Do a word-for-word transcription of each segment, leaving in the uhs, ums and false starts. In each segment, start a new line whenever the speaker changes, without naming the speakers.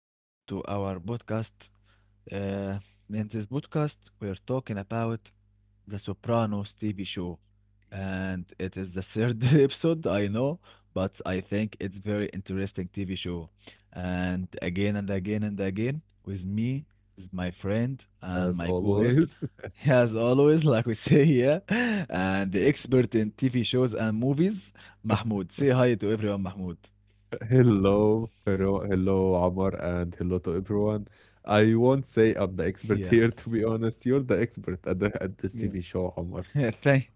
Welcome to our podcast. Uh, in this podcast, we're talking about the Sopranos T V show, and
Yeah.
it is the third episode, I know, but I think it's very interesting T V show. And again and again and again, with me is my friend and my
As
co-host,
always,
as always, like we say here, and the expert in T V shows and movies, Mahmoud. Say hi to everyone, Mahmoud.
hello, hello, hello, Omar, and hello to everyone. I won't say I'm the
Yeah.
expert here, to be honest. You're the expert at the at this
Yeah.
T V show, Omar.
Thank,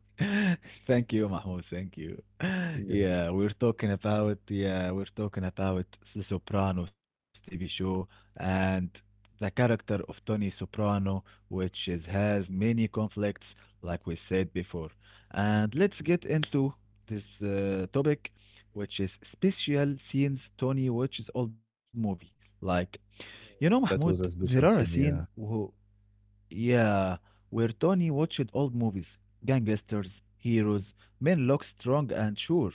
thank you, Mahmoud. Thank you.
Yeah, yeah,
Yeah, we're talking about yeah, we're talking about The Sopranos T V show and the character of Tony Soprano, which is has many conflicts, like we said before. And let's get into this uh, topic, which is special scenes Tony watches old movie. Like
yeah.
you know,
that was a
Mahmoud,
special
there are
scene.
a
Yeah,
scene who. Yeah, where Tony watched old movies, gangsters, heroes, men look strong and sure.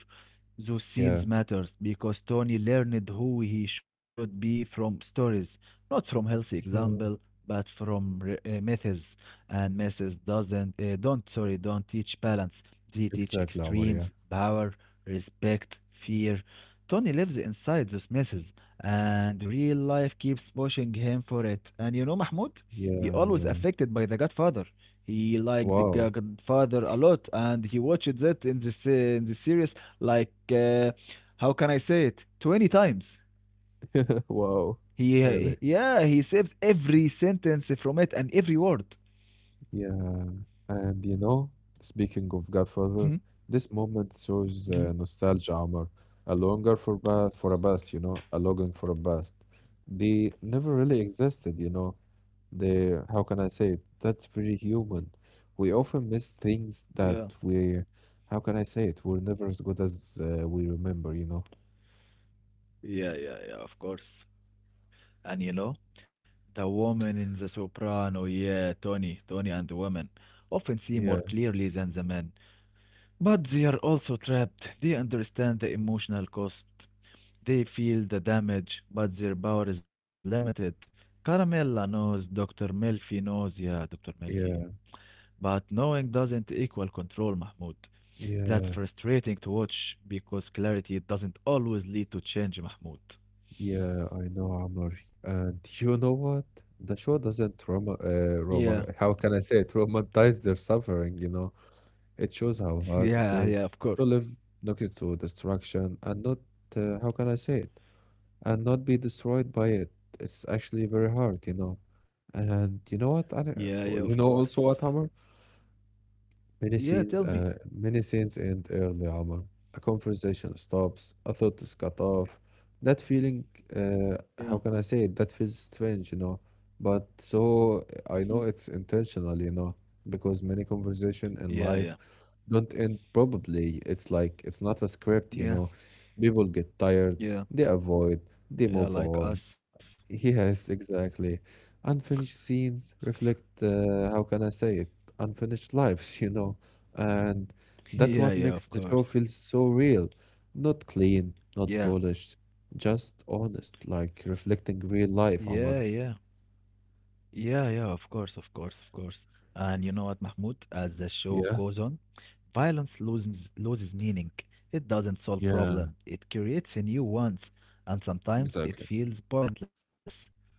Those
yeah,
scenes matters because Tony learned who he should be from stories, not from healthy example,
yeah,
but from re- uh, myths, and misses doesn't uh, don't sorry don't teach balance, they teach
exactly, Omar. Yeah,
extremes, power, respect, fear. Tony lives inside those messes, and real life keeps pushing him for it. And you know, Mahmoud, he
yeah,
always
yeah.
affected by the Godfather. He liked the G-
Wow,
godfather a lot, and he watched that in this uh, in the series, like uh, how can I say it, twenty times.
wow, really.
He yeah he saves every sentence from it and every word.
Yeah, and you know, speaking of Godfather,
Mhm.
this moment shows uh,
Mhm.
nostalgia, Omar, a longer for past, for a past, you know, a longing for a past. They never really existed, you know. They, how can I say it? That's very human. We often miss things
Yeah,
that we, how can I say it? we're never as good as uh, we remember, you know.
yeah, yeah, yeah, of course. And you know, the woman in The Soprano, yeah, Tony, Tony and the woman often see more
Yeah,
clearly than the men, but they are also trapped. They understand the emotional cost, they feel the damage, but their power is limited. Caramella knows, Doctor Melfi knows, yeah, Doctor Melfi.
yeah,
But knowing doesn't equal control, Mahmoud. That's
yeah.
frustrating to watch because clarity doesn't always lead to change, Mahmoud.
Yeah, I know, Amr. And you know what? The show doesn't trauma, uh,
Yeah.
trauma, how can I say it? Romanticize their suffering, you know? It shows how hard
Yeah,
it
yeah, of
is
course.
to live next to destruction and not, uh, how can I say it? and not be destroyed by it. It's actually very hard, you know? And you know what? I,
Yeah, yeah, of
you know
course.
also what, Amr? Many
Yeah, tell
scenes,
me.
uh, many scenes end early, Omar. A conversation stops, a thought is cut off. That feeling, uh,
Yeah.
how can I say it? that feels strange, you know. But so
Mhm.
uh, I know it's intentional, you know, because many conversation
Yeah,
in
yeah.
life don't end probably. It's like it's not a script, you
Yeah,
know. People get tired,
yeah.
they avoid, they
Yeah,
move
like
on.
us.
Yes, exactly. Unfinished scenes reflect, uh, how can I say it? Unfinished lives, you know. And that's
Yeah,
what
yeah, of
makes the show
course.
feel so real. Not clean, not
Yeah.
polished, just honest, like reflecting real life,
Yeah,
Omar.
yeah. Yeah, yeah, of course, of course, of course. And you know what, Mahmoud? As the show goes
Yeah,
on, violence loses loses meaning. It doesn't solve
yeah,
problem. It creates a new ones, and sometimes
exactly.
it feels pointless.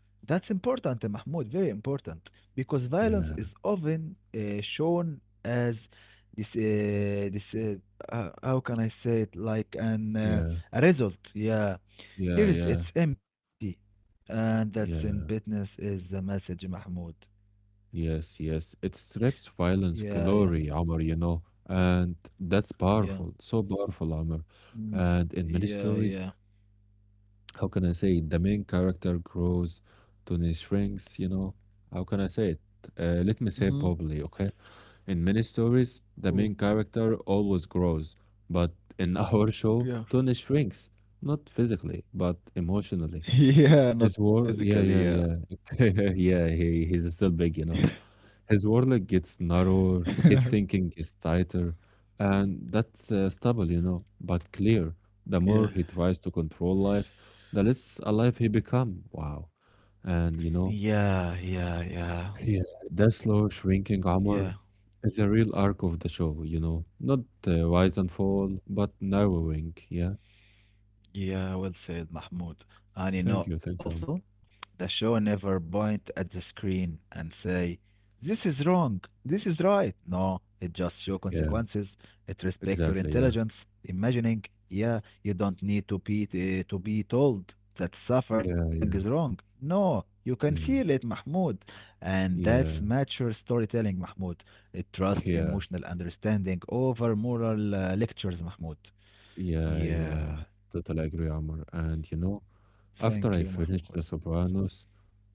That's important, Mahmoud, very important, because violence is
Yeah,
often uh, shown as this uh, this uh, uh, how can I say it, like an uh,
yeah,
a result, yeah,
yeah,
here is
yeah,
it's empty. And that's in
yeah.
business is the message, Mahmoud.
Yes, yes. It strips violence
Yeah, yeah,
glory, Amr, you know, and that's
yeah.
powerful, so powerful, Amr.
Mm,
And in many
yeah,
stories,
yeah.
how can I say it? The main character grows, Tony shrinks, you know. How can I say it? Uh, let me
Mm-hmm.
say probably, okay? In many stories,
Oh,
the main character always grows, but in our show,
yeah.
Tony shrinks, not physically, but emotionally.
yeah, not
His war yeah,
physically,
yeah,
yeah.
yeah. Yeah, he he's still big, you know. His warlock gets narrower, his thinking is tighter, and that's uh, stable, you know, but clear. The more
Yeah.
he tries to control life, the less alive he become. Wow. And you know,
Yeah, yeah, yeah.
yeah, the slow
Yeah.
shrinking armor is a real arc of the show, you know. Not uh, rise and fall, but narrowing, yeah.
Yeah, well said, Mahmoud. And you
Thank
know
you, thank
also,
you.
the show never point at the screen and say, this is wrong, this is right. No, it just show
Yeah,
consequences. It respect your
exactly, yeah.
intelligence, imagining. Yeah, you don't need to be uh, to be told that suffering
Yeah,
is
yeah,
wrong. No, you can feel it,
yeah,
Mahmoud. And that's mature
yeah.
storytelling, Mahmoud. It trusts emotional
Yeah,
understanding over moral uh, lectures, Mahmoud.
yeah,
Yeah.
yeah. Totally agree, Amr. And you know, after
Thank
I
you,
finished
Mahmoud.
The Sopranos,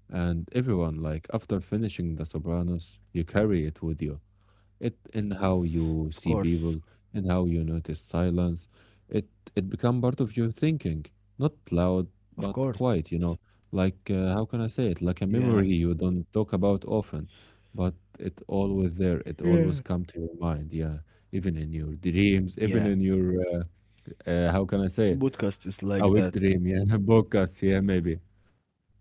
and everyone, like, after finishing The Sopranos, you carry it with you. It in how
Of
you see
course.
people, in how you notice silence. It it become part of your thinking, not loud
Of
but
course.
quiet. You know, like uh, how can I say it?
Yeah.
Like a memory you don't talk about often, but it always there. It
Yeah.
always come to your mind. Yeah, even in your dreams,
Yeah.
even in your uh, uh, how can I say
The
it?
podcast is
A
like
weak
that.
dream, yeah, a podcast, yeah, maybe.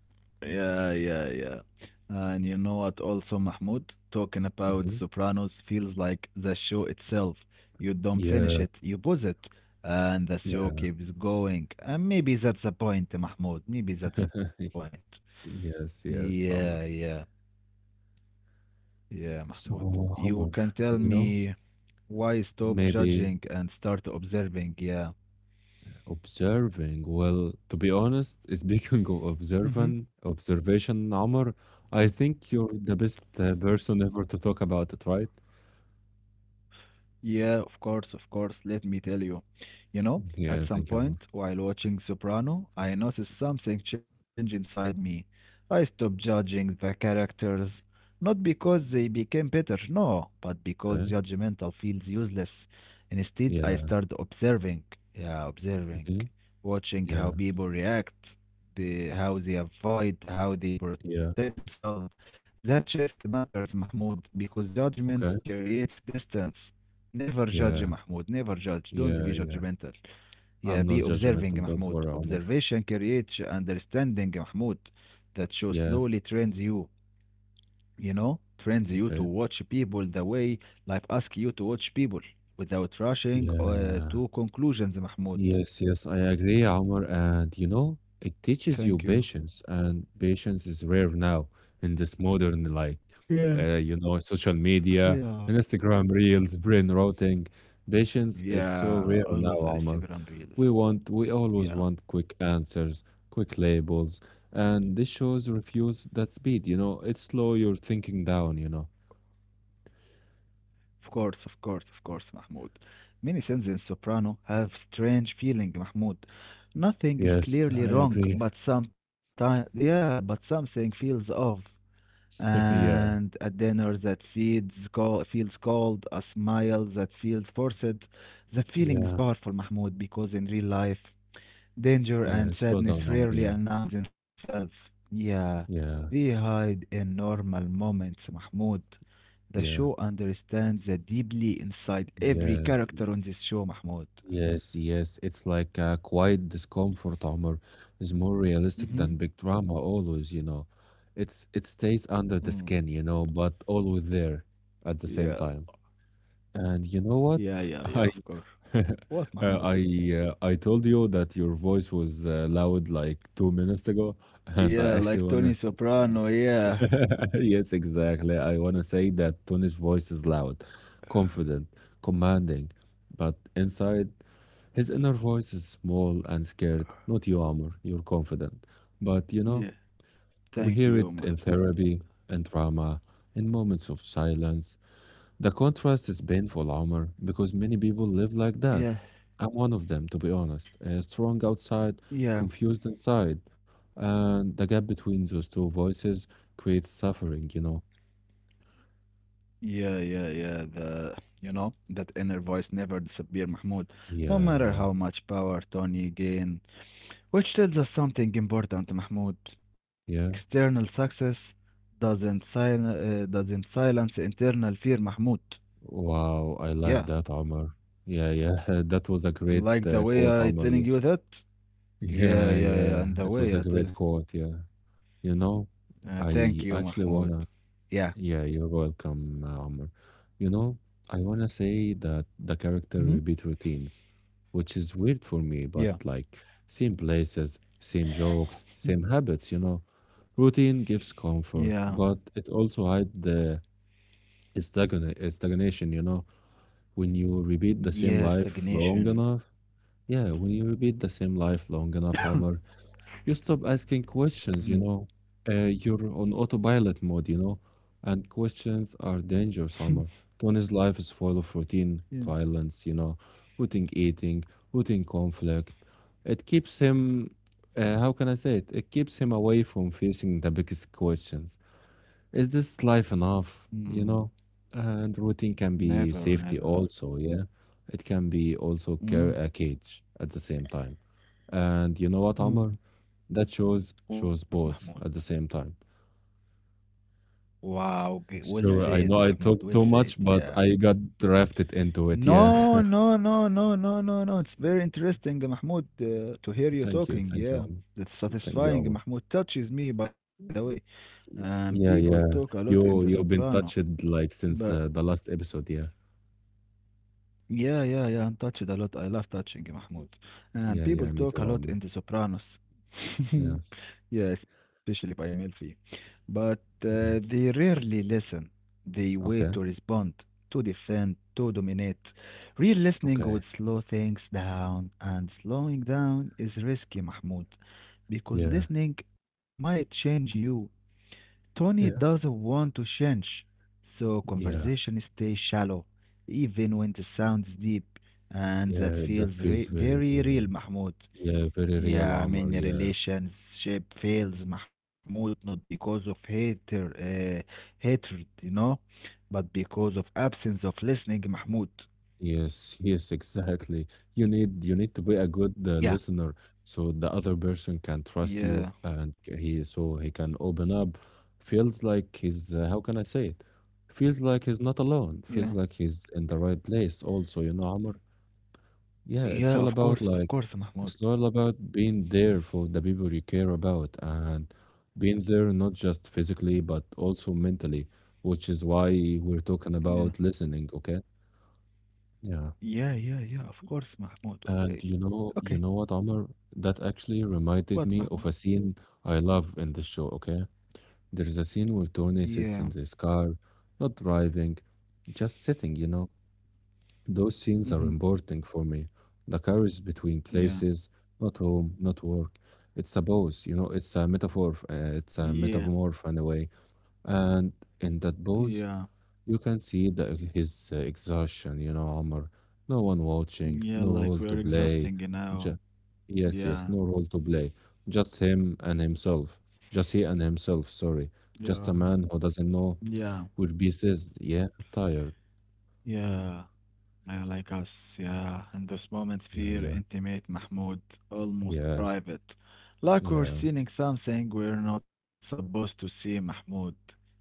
Yeah, yeah, yeah. And you know what, also, Mahmoud, talking about
hmm
Sopranos feels like the show itself. You don't finish it,
Yeah,
you pause it. And the show
yeah.
keeps going. And maybe that's the point, Mahmoud. Maybe that's the point.
yes, yes,
Yeah, yeah,
Summer.
yeah, Mahmoud. You
So,
can
Homer,
tell
you
me
know,
why stop judging
maybe
and start observing. Yeah.
observing. Well, to be honest, speaking of
Mm-hmm.
observant observation, Homer, I think you're the best uh, person ever to talk about it, right?
Yeah, of course, of course. Let me tell you. You know, at
Yeah,
some
thank you, Homer.
point while watching Soprano, I noticed something change inside me. I stopped judging the characters, not because they became better, no, but because
Okay.
judgmental feels useless. Instead, I
Yeah.
started observing. Yeah, observing.
Mhm,
Watching how
yeah.
people react, the, how they avoid, how they protect
Yeah.
themselves. That shift matters, Mahmoud, because judgments
Okay.
creates distance. Never judge, Mahmoud. Never
Yeah.
judge. Don't be
Yeah.
judgmental.
Yeah.
Yeah, be
I'm not
observing,
judgmental.
Mahmoud.
Don't worry, Homer.
Observation creates understanding, Mahmoud. That show
Yeah.
slowly trains you, you know, trains you to
Okay.
watch people the way life asks you to watch people without rushing uh,
Yeah.
to conclusions, Mahmoud.
Yes, yes, I agree, Omar. And you know, it teaches you
Thank you.
patience, and patience is rare now in this modern, like,
Yeah,
uh, you know, social
yeah.
media, Instagram reels, brain rotting. Patience is
Yeah,
so rare
always
now,
Instagram
Omar.
reels.
We want, we
Yeah.
always want quick answers, quick labels, and this shows refuse that speed, you know, it slow your thinking down, you know.
Of course, of course, of course, Mahmoud. Many sins in Soprano have strange feeling, Mahmoud. Nothing is
Yes, I
clearly wrong,
agree.
but sometimes, yeah, but something feels off. And a
Yeah.
dinner that feeds call, feels cold, a smile that feels forced. That feeling is
Yeah.
powerful, Mahmoud, because in real life, danger
Yeah.
and
Slow down,
sadness
Omar.
rarely
Yeah.
announce themselves. Yeah, they
Yeah.
hide in normal moments, Mahmoud. The show
Yeah,
understands the deeply inside every
yeah,
character on this show, Mahmoud.
yes, yes. It's like a quiet discomfort, Omar, is more realistic
Mm-hmm.
than big drama always, you know. It's it stays
Mm.
under the skin, you know, but always there
Yeah,
at the same time. And you know
yeah,
what?
yeah, yeah, of
I
course. What,
uh,
Mahmoud?
I uh, I told you that your voice was uh, loud like two minutes ago,
Yeah,
and
like
I
Tony
actually want
Soprano,
to.
yeah.
Yes, exactly. I want to say that Tony's voice is loud, confident, commanding, but inside, his inner voice is small and scared. Not you, Amr, you're confident. But
Yeah,
you know,
thank you,
we hear
Mahmoud.
it in therapy, in drama, in moments of silence. The contrast is painful, Amr, because many people live like
Yeah,
that. I'm one of them, to be honest. Uh, strong outside,
yeah.
confused inside. And the gap between those two voices creates suffering, you know.
Yeah, yeah, yeah, the, you know, that inner voice never disappear, Mahmoud. No
Yeah,
matter how
yeah,
much power Tony gain, which tells us something important, Mahmoud.
yeah.
External success doesn't, sil- uh, doesn't silence internal fear, Mahmoud.
Wow,
Yeah,
I like that, Omar. Yeah, yeah. That was a
you
great
like the
uh,
way
quote,
I
Omar.
telling
Yeah,
you that? Yeah,
yeah,
yeah, yeah,
yeah.
and the
It was
way
a
I tell.
great quote. Yeah. You know,
Uh, thank you,
I
Mahmoud.
actually wanna.
Yeah.
Yeah, you're welcome, uh, Omar. You know, I wanna say that the
Hmm.
character repeat routines, which is weird for
Yeah.
me, but like same places, same jokes,
Mhm.
same habits. You know, routine gives
Yeah.
comfort, but it also hides the It's stagna- it's stagnation, you know. When you
Yeah,
repeat the same life
stagnation.
long enough, yeah, when you repeat the same life long enough, Omar, you stop asking
Mm.
questions, you know. Uh, you're on autopilot mode, you know, and questions are dangerous, Omar. Tony's life is full of
Yeah.
routine violence, you know, routine eating, routine conflict. It keeps him, uh, how can I say it? It keeps him away from facing the biggest questions is this life
Mm.
enough? You know, and routine can
Never,
be
never.
safety also. Yeah, it can be also
Mm.
ca- a cage at the same time. And you know what,
Mm.
Amr? That shows
What,
shows
Mahmoud?
both at the same time.
Wow, g- well said,
Sorry,
Mahmoud.
I
Well
know I
said.
talked too
Yeah.
much, but I got drafted into it.
No,
Yeah.
no, no, no, no, no, no. It's very interesting, Mahmoud, uh, to hear you
Thank you,
talking.
thank you,
Yeah,
Omar.
that's
Thank you,
satisfying.
Omar.
Mahmoud touches me, by the way. And
Y-
people
yeah,
talk a
yeah.
lot in The
You
Soprano,
you've been touched
but
like since uh, the last episode. Yeah,
yeah, yeah, yeah. And touched a lot. I love touching, Mahmoud. And people
yeah, yeah.
talk
Me
a
too,
lot in
Omar.
The Sopranos.
Yeah,
Yeah, especially by Melfi. But uh, they
yeah.
rarely listen. They wait to
Okay,
respond, to defend, to dominate. Real listening would
okay.
slow things down, and slowing down is risky, Mahmoud, because
Yeah,
listening might change you. Tony doesn't
yeah.
want to change, so conversation
Yeah,
stays shallow, even when the sound's deep, and that
yeah,
feels
that
re-
feels very
very real,
real.
Mahmoud.
Yeah, very real,
Yeah, I mean,
Omar. Yeah,
relationship fails, Mahmoud, not because of hater, uh, hatred, you know, but because of absence of listening, Mahmoud.
yes, yes, exactly. You need you need to be a good
Yeah,
uh, listener so the other person can trust
yeah,
you and c- he so he can open up. Feels like he's uh, how can I say it? Feels like he's not
yeah,
alone. Feels like he's in the right place also, you know, Omar.
yeah,
Yeah,
of
it's all
course, of
about
course,
like
Mahmoud.
it's all about being there for the people you care about and being there not just physically but also mentally, which is why we're
Yeah,
talking about listening, okay? Yeah.
yeah, yeah, yeah, of course, Mahmoud. Okay,
And you know,
okay,
you know what, Omar? That actually reminded
what,
me
Mahmoud?
of a scene I love in the show, okay? There's a scene where
Yeah.
Tony sits in this car, not driving, just sitting, you know? Those
Hmm.
scenes are important for me. The courage between
Yeah,
places, not home, not work. It's a pose, you know, it's a metaphor, f- uh, it's a
yeah,
metamorph in a way. And in that
yeah,
pose, you can see the, his uh, exhaustion, you know, Omar. No one
yeah.
watching,
Like
no
we're
role to
exhausting
play.
now.
Ju- yes, yes,
Yeah,
no role to play. Just him and himself. Just he and himself, sorry.
yeah,
Just a man who doesn't know
yeah,
where peace is. Yeah, tired.
yeah. Yeah, like us. Yeah, and those moments
Yeah,
feel
yeah,
intimate, Mahmoud, almost
yeah,
private. Like we're
yeah.
seeing something we're not supposed to see, Mahmoud.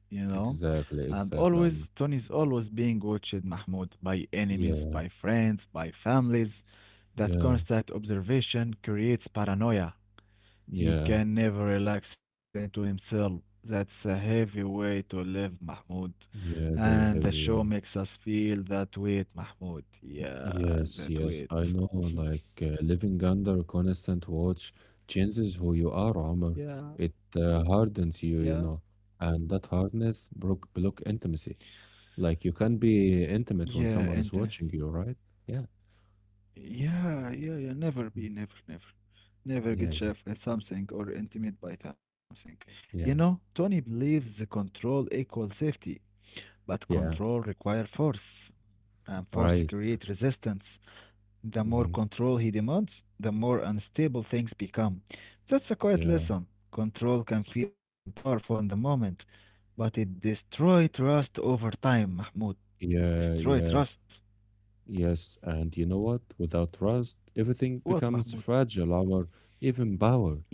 You know,
Exactly,
and
exactly.
always
Um,
Tony's always being watched, Mahmoud, by enemies,
yeah,
by friends, by families.
yeah,
That constant observation creates paranoia.
yeah,
He can never relax into himself. That's a heavy way to live, Mahmoud.
yeah,
And
very
the show
heavy. Yeah.
makes us feel that weight, Mahmoud. Yeah,
Yes,
that
yes, I
weight.
know. Like uh, living under constant watch changes who you are, Omar. It
Yeah,
uh, hardens you, you know,
yeah.
and that hardness broke block intimacy. Like you can be intimate when
Yeah,
someone is
intimacy.
watching you, right? Yeah,
Yeah, yeah, yeah. Never be, never, never,
yeah, yeah,
never get chef at something or intimate by something.
yeah,
You know, Tony believes the control equals safety, but
yeah.
control requires force, and force
Right.
creates resistance. The more
Mhm.
control he demands, the more unstable things become. That's a
Yeah,
quiet lesson. Control can feel powerful in the moment, but it destroys trust over time, Mahmoud.
yeah,
Destroy
yeah.
trust.
Yes, and you know what? Without trust, everything
What,
becomes
Mahmoud?
fragile, or even power.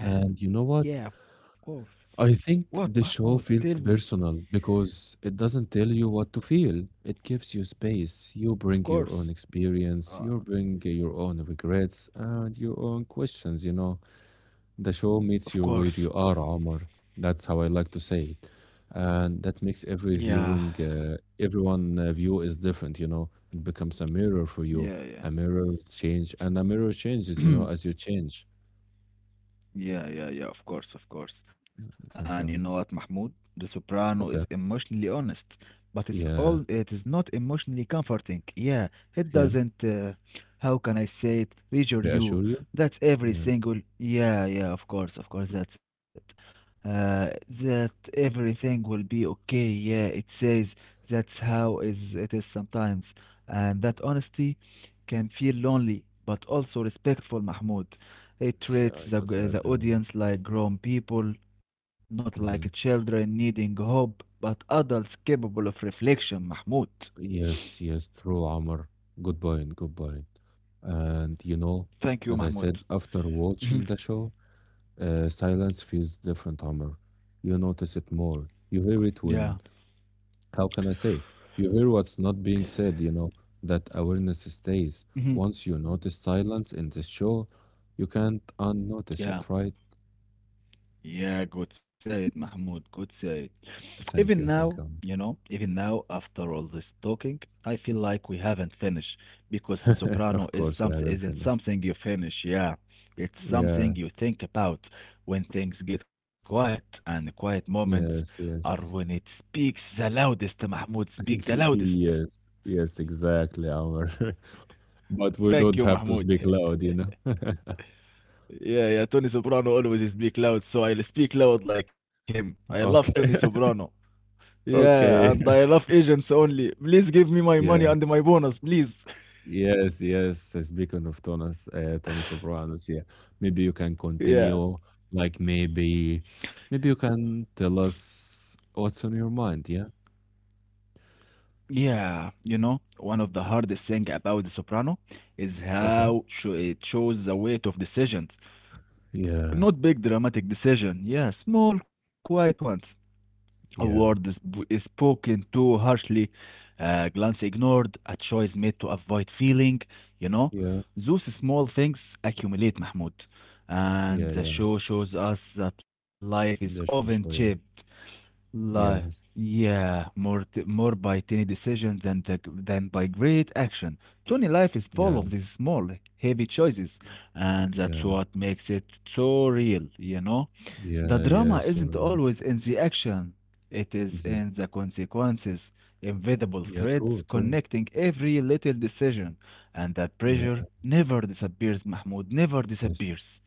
And you know what?
yeah, of course.
I think the
What,
show
Mahmoud?
feels
Tell me.
personal because it doesn't tell you what to feel. It gives you space. You
Of
bring your own
course.
experience,
Uh,
you bring your own regrets, and your own questions, you know. The show meets you
of
where you
course.
are, Omar. That's how I like to say it. And that makes every
Yeah,
viewing, uh, everyone uh, view is different, you know. It becomes a mirror for you. A
yeah, yeah.
mirror change, and a mirror changes, you know, as you change.
Yeah, yeah, yeah, of course, of course.
Thank you.
And you
Omar.
know what, Mahmoud? The Soprano is
Okay.
emotionally honest, but it's all
Yeah.
it is not emotionally comforting. Yeah. It
Yeah.
doesn't, uh, how can I say it, reassure
Reassure you.
you. That's
Yeah.
every single, yeah, yeah, of course, of course, that's it. Uh, that everything will be okay. Yeah, it says that's how is it is sometimes, and that
Yeah.
honesty can feel lonely but also respectful. Mahmoud, it
Yeah. I
treats
totally
the
agree.
the
On.
audience like grown people, not
Hmm.
like children needing hope, but adults capable of reflection. Mahmoud,
Yes. Yes. True, Amr. Good point. Good point. And you know,
thank
as
you,
I said,
Mahmoud.
after watching the show, Uh, silence feels different, Amr. You notice it more. You hear it
Yeah.
when, how can I say it? You hear what's not being said, you know, that awareness stays.
Mhm.
Once you notice silence in this show, you can't unnotice it,
Yeah,
right?
yeah, good said, Mahmoud. Good said.
Thank
Even
you,
now,
thank you.
you
Amr.
know, even now, after all this talking, I feel like we haven't finished because The
Of
Soprano is
course, we
some
haven't
isn't
finished.
something you finish. Yeah, it's
Yeah,
something you think about when things get quiet, and quiet moments
yes,
are
yes.
when it speaks the loudest. Mahmoud, speak the loudest.
Yes, yes, exactly, Amr. But we
Thank
don't
you,
have to
Mahmoud.
speak loud, you know?
Yeah, yeah, Tony Soprano always speak loud, so I'll speak loud like him. I love
Okay,
Tony Soprano. Yeah,
okay.
and I love agents only. Please give me my money
Yeah.
and my bonus, please.
Yes, yes. uh, Speaking of Thomas, uh, Tony Sopranos, yeah. Maybe you can continue.
Yeah.
Like maybe, maybe you can tell us what's on your mind. Yeah.
Yeah, you know, one of the hardest thing about The Soprano is
Okay.
how sho- it shows the weight of decisions.
Yeah.
Not big dramatic decision, yeah, small quiet ones. A
Yeah.
word is is spoken too harshly, a glance ignored, a choice made to avoid feeling, you know?
Yeah.
Those small things accumulate, Mahmoud. And
Yeah.
the
Yeah.
show shows us that life is often
That's for sure.
shaped,
Yeah.
li-
Yeah.
yeah, more t- more by tiny decisions than the, than by great action. Tony life is full of
Yeah.
these small, heavy choices, and that's
Yeah.
what makes it so real, you know? The
Yeah. Yeah.
drama isn't
Sorry.
always in the action, it is
Mm-hmm.
in the consequences, invisible
Yeah.
threads
True. True.
connecting every little decision, and that
Yeah.
pressure never disappears, Mahmoud, never
Yes.
disappears.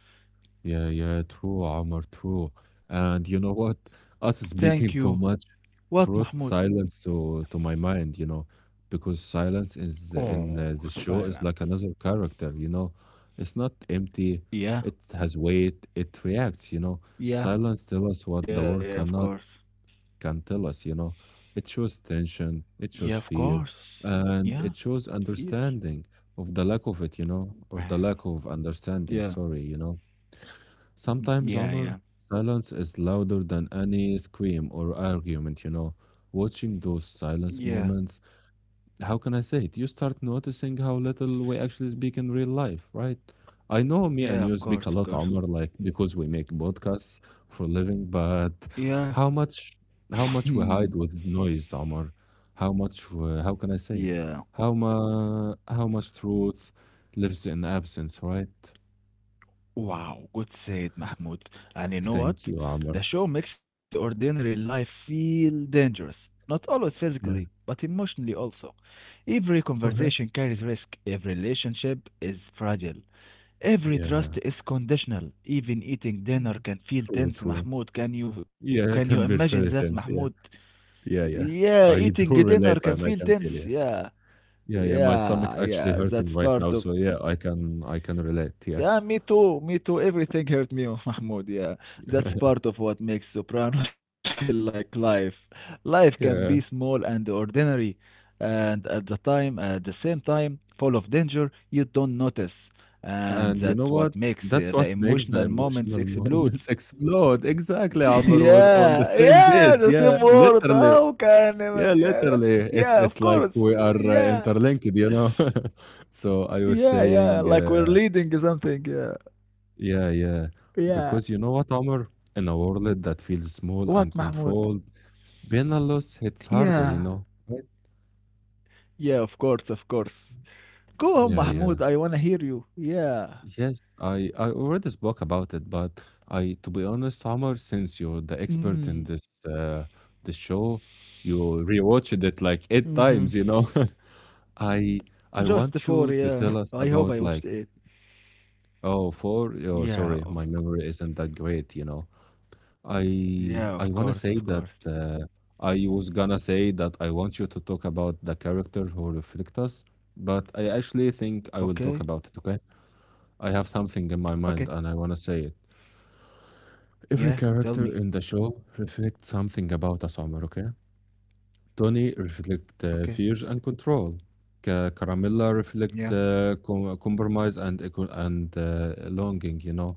Yeah, yeah, true, Omar, true. And you know what? Us
Thank you.
speaking too much
What, Mahmoud?
brought silence to to my mind, you know, because silence is
Oh,
in uh, the show is
silence.
like another character, you know. It's not empty.
Yeah,
It has weight. It reacts, you know.
yeah,
Silence tells us
yeah,
what
yeah,
the
of
world
course.
cannot can tell us, you know. It shows
Yeah,
tension.
of
It shows fear,
course. Yeah,
and it shows
fear.
understanding of the lack of it, you know,
Wow.
or the lack of
Yeah,
understanding. Sorry, you know.
mm,
Sometimes,
yeah, yeah,
Omar, silence is louder than any scream or argument, you know. Watching those
yeah,
silence moments, how can I say it? You start noticing how little we actually speak in real life, right? I know me and
yeah, of
you speak a
course, of
lot,
course.
Omar, like because we make podcasts for a living, but
Yeah,
how much how much we hide with noise, Omar? How much we, how can I say
yeah.
it? How ma, how much truth lives in absence, right?
Wow, good said, Mahmoud. And you know
Thank
what?
you, Omar.
The show makes ordinary life feel dangerous. Not always physically, but
Yeah.
emotionally also. Every conversation carries risk. Every relationship is fragile. Every trust
Yeah.
is conditional. Even eating dinner
Mm.
can feel
True,
tense,
true.
Mahmoud. Can you can you
Yeah, I can
imagine
feel
that,
feel it
Mahmoud?
tense, yeah. Yeah,
Yeah,
yeah.
eating
I
dinner
do
can feel
relate and
tense.
I can feel,
Yeah.
yeah. Yeah, yeah, my
Yeah,
stomach
yeah,
actually
that's
hurting
part
right
of
now, so yeah, I can I can relate,
yeah,
yeah.
me too. Me too. Everything hurt me, Mahmoud. Yeah, that's part of what makes Sopranos feel like life. Life can be small
Yeah,
and ordinary, and at the time, at the same time, full of danger you don't notice, and
and you
that
know
what
what?
makes uh,
That's
the
what makes
emotional
the
moments
emotional moments
explodes.
explode. Exactly, Amr, we're on the
yeah,
same
yeah,
page.
the same
Yeah,
word.
literally.
How can I?
Yeah,
Yeah,
literally.
yeah, of
It's it's
course.
like we are uh,
Yeah,
interlinked, you know. So I was
yeah, yeah.
saying
Like we're
uh,
leading something. Yeah,
Yeah, yeah.
yeah.
Because you know what, Omar? In a world that feels
What,
small and
Mahmoud?
controlled, being a loss hits
Yeah,
harder, you know? Right?
yeah, of course, of course. Go on,
Yeah,
Mahmoud,
yeah.
I wanna hear you. Yeah.
Yes, I, I already spoke about it, but I, to be honest, Omar, since you're the expert in
Mm.
this uh, the show, you rewatched it like
Hmm.
eight times, you know? I
Just
I
for,
want you to
yeah.
tell
I
us
hope I
about
watched
like,
it.
oh, four, oh,
Yeah,
sorry, my
of c-
memory isn't that great, you know?
yeah, of
I I
course,
wanna
of
say
course.
that uh, I was gonna say that I want you to talk about the character who reflect us, but I actually think I will
Okay.
talk about it, okay? I have something in my
Okay.
mind and I wanna say it. Every
Yeah, tell
character
me.
in the show reflects something about us, Omar, okay? Tony reflect
Okay.
uh, fears and control. Ca- Caramilla
Yeah.
reflect uh, com- compromise and eco- and uh, longing, you know.